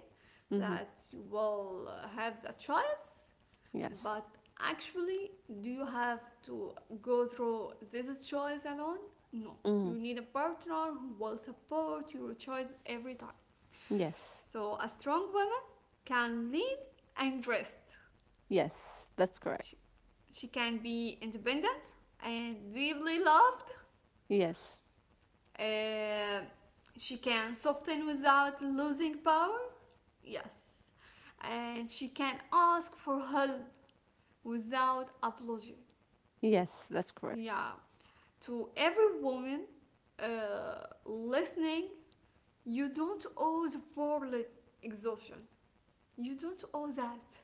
S2: Mm-hmm.
S1: that you will have the choice,
S2: Yes.
S1: but actually, do you have to go through this choice alone? No.
S2: Mm-hmm.
S1: You need a partner who will support your choice every time.
S2: Yes,
S1: So, a strong woman can lead and rest.
S2: yes, that's correct.
S1: She, she can be independent and deeply loved.
S2: Yes.
S1: Uh, she can soften without losing power. Yes. And she can ask for help without apology.
S2: Yes, that's correct.
S1: Yeah. To every woman uh, listening, you don't owe the world exhaustion. You don't owe that.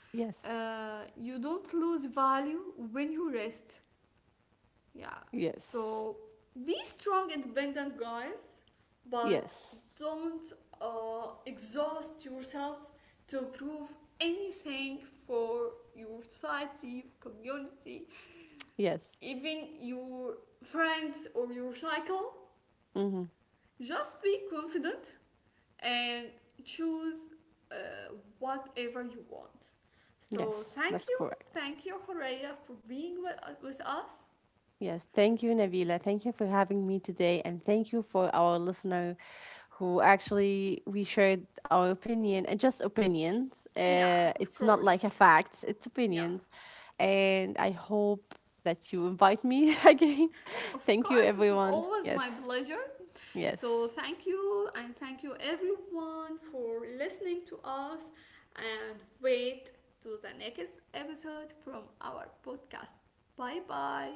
S2: Yes,
S1: Uh, you don't lose value when you rest. Yeah.
S2: yes,
S1: So be strong, independent, guys, but
S2: yes.
S1: don't uh, exhaust yourself to prove anything for your society, community,
S2: Yes.
S1: even your friends or your cycle.
S2: Hmm.
S1: Just be confident and choose uh, whatever you want. So
S2: Yes,
S1: thank
S2: that's
S1: you,
S2: correct.
S1: thank you, Horeya, for being with, with us.
S2: Yes. Thank you, Nabila. Thank you for having me today. And thank you for our listener who actually we shared our opinion and just opinions.
S1: Yeah,
S2: Uh,
S1: of
S2: it's not
S1: course.
S2: like a fact, it's
S1: Yeah.
S2: opinions. And I hope that you invite me again.
S1: Of
S2: Thank you,
S1: course, it was
S2: everyone.
S1: always my
S2: Yes.
S1: pleasure. So,
S2: Yes.
S1: thank you, and thank you everyone for listening to us. And wait to the next episode from our podcast. Bye bye.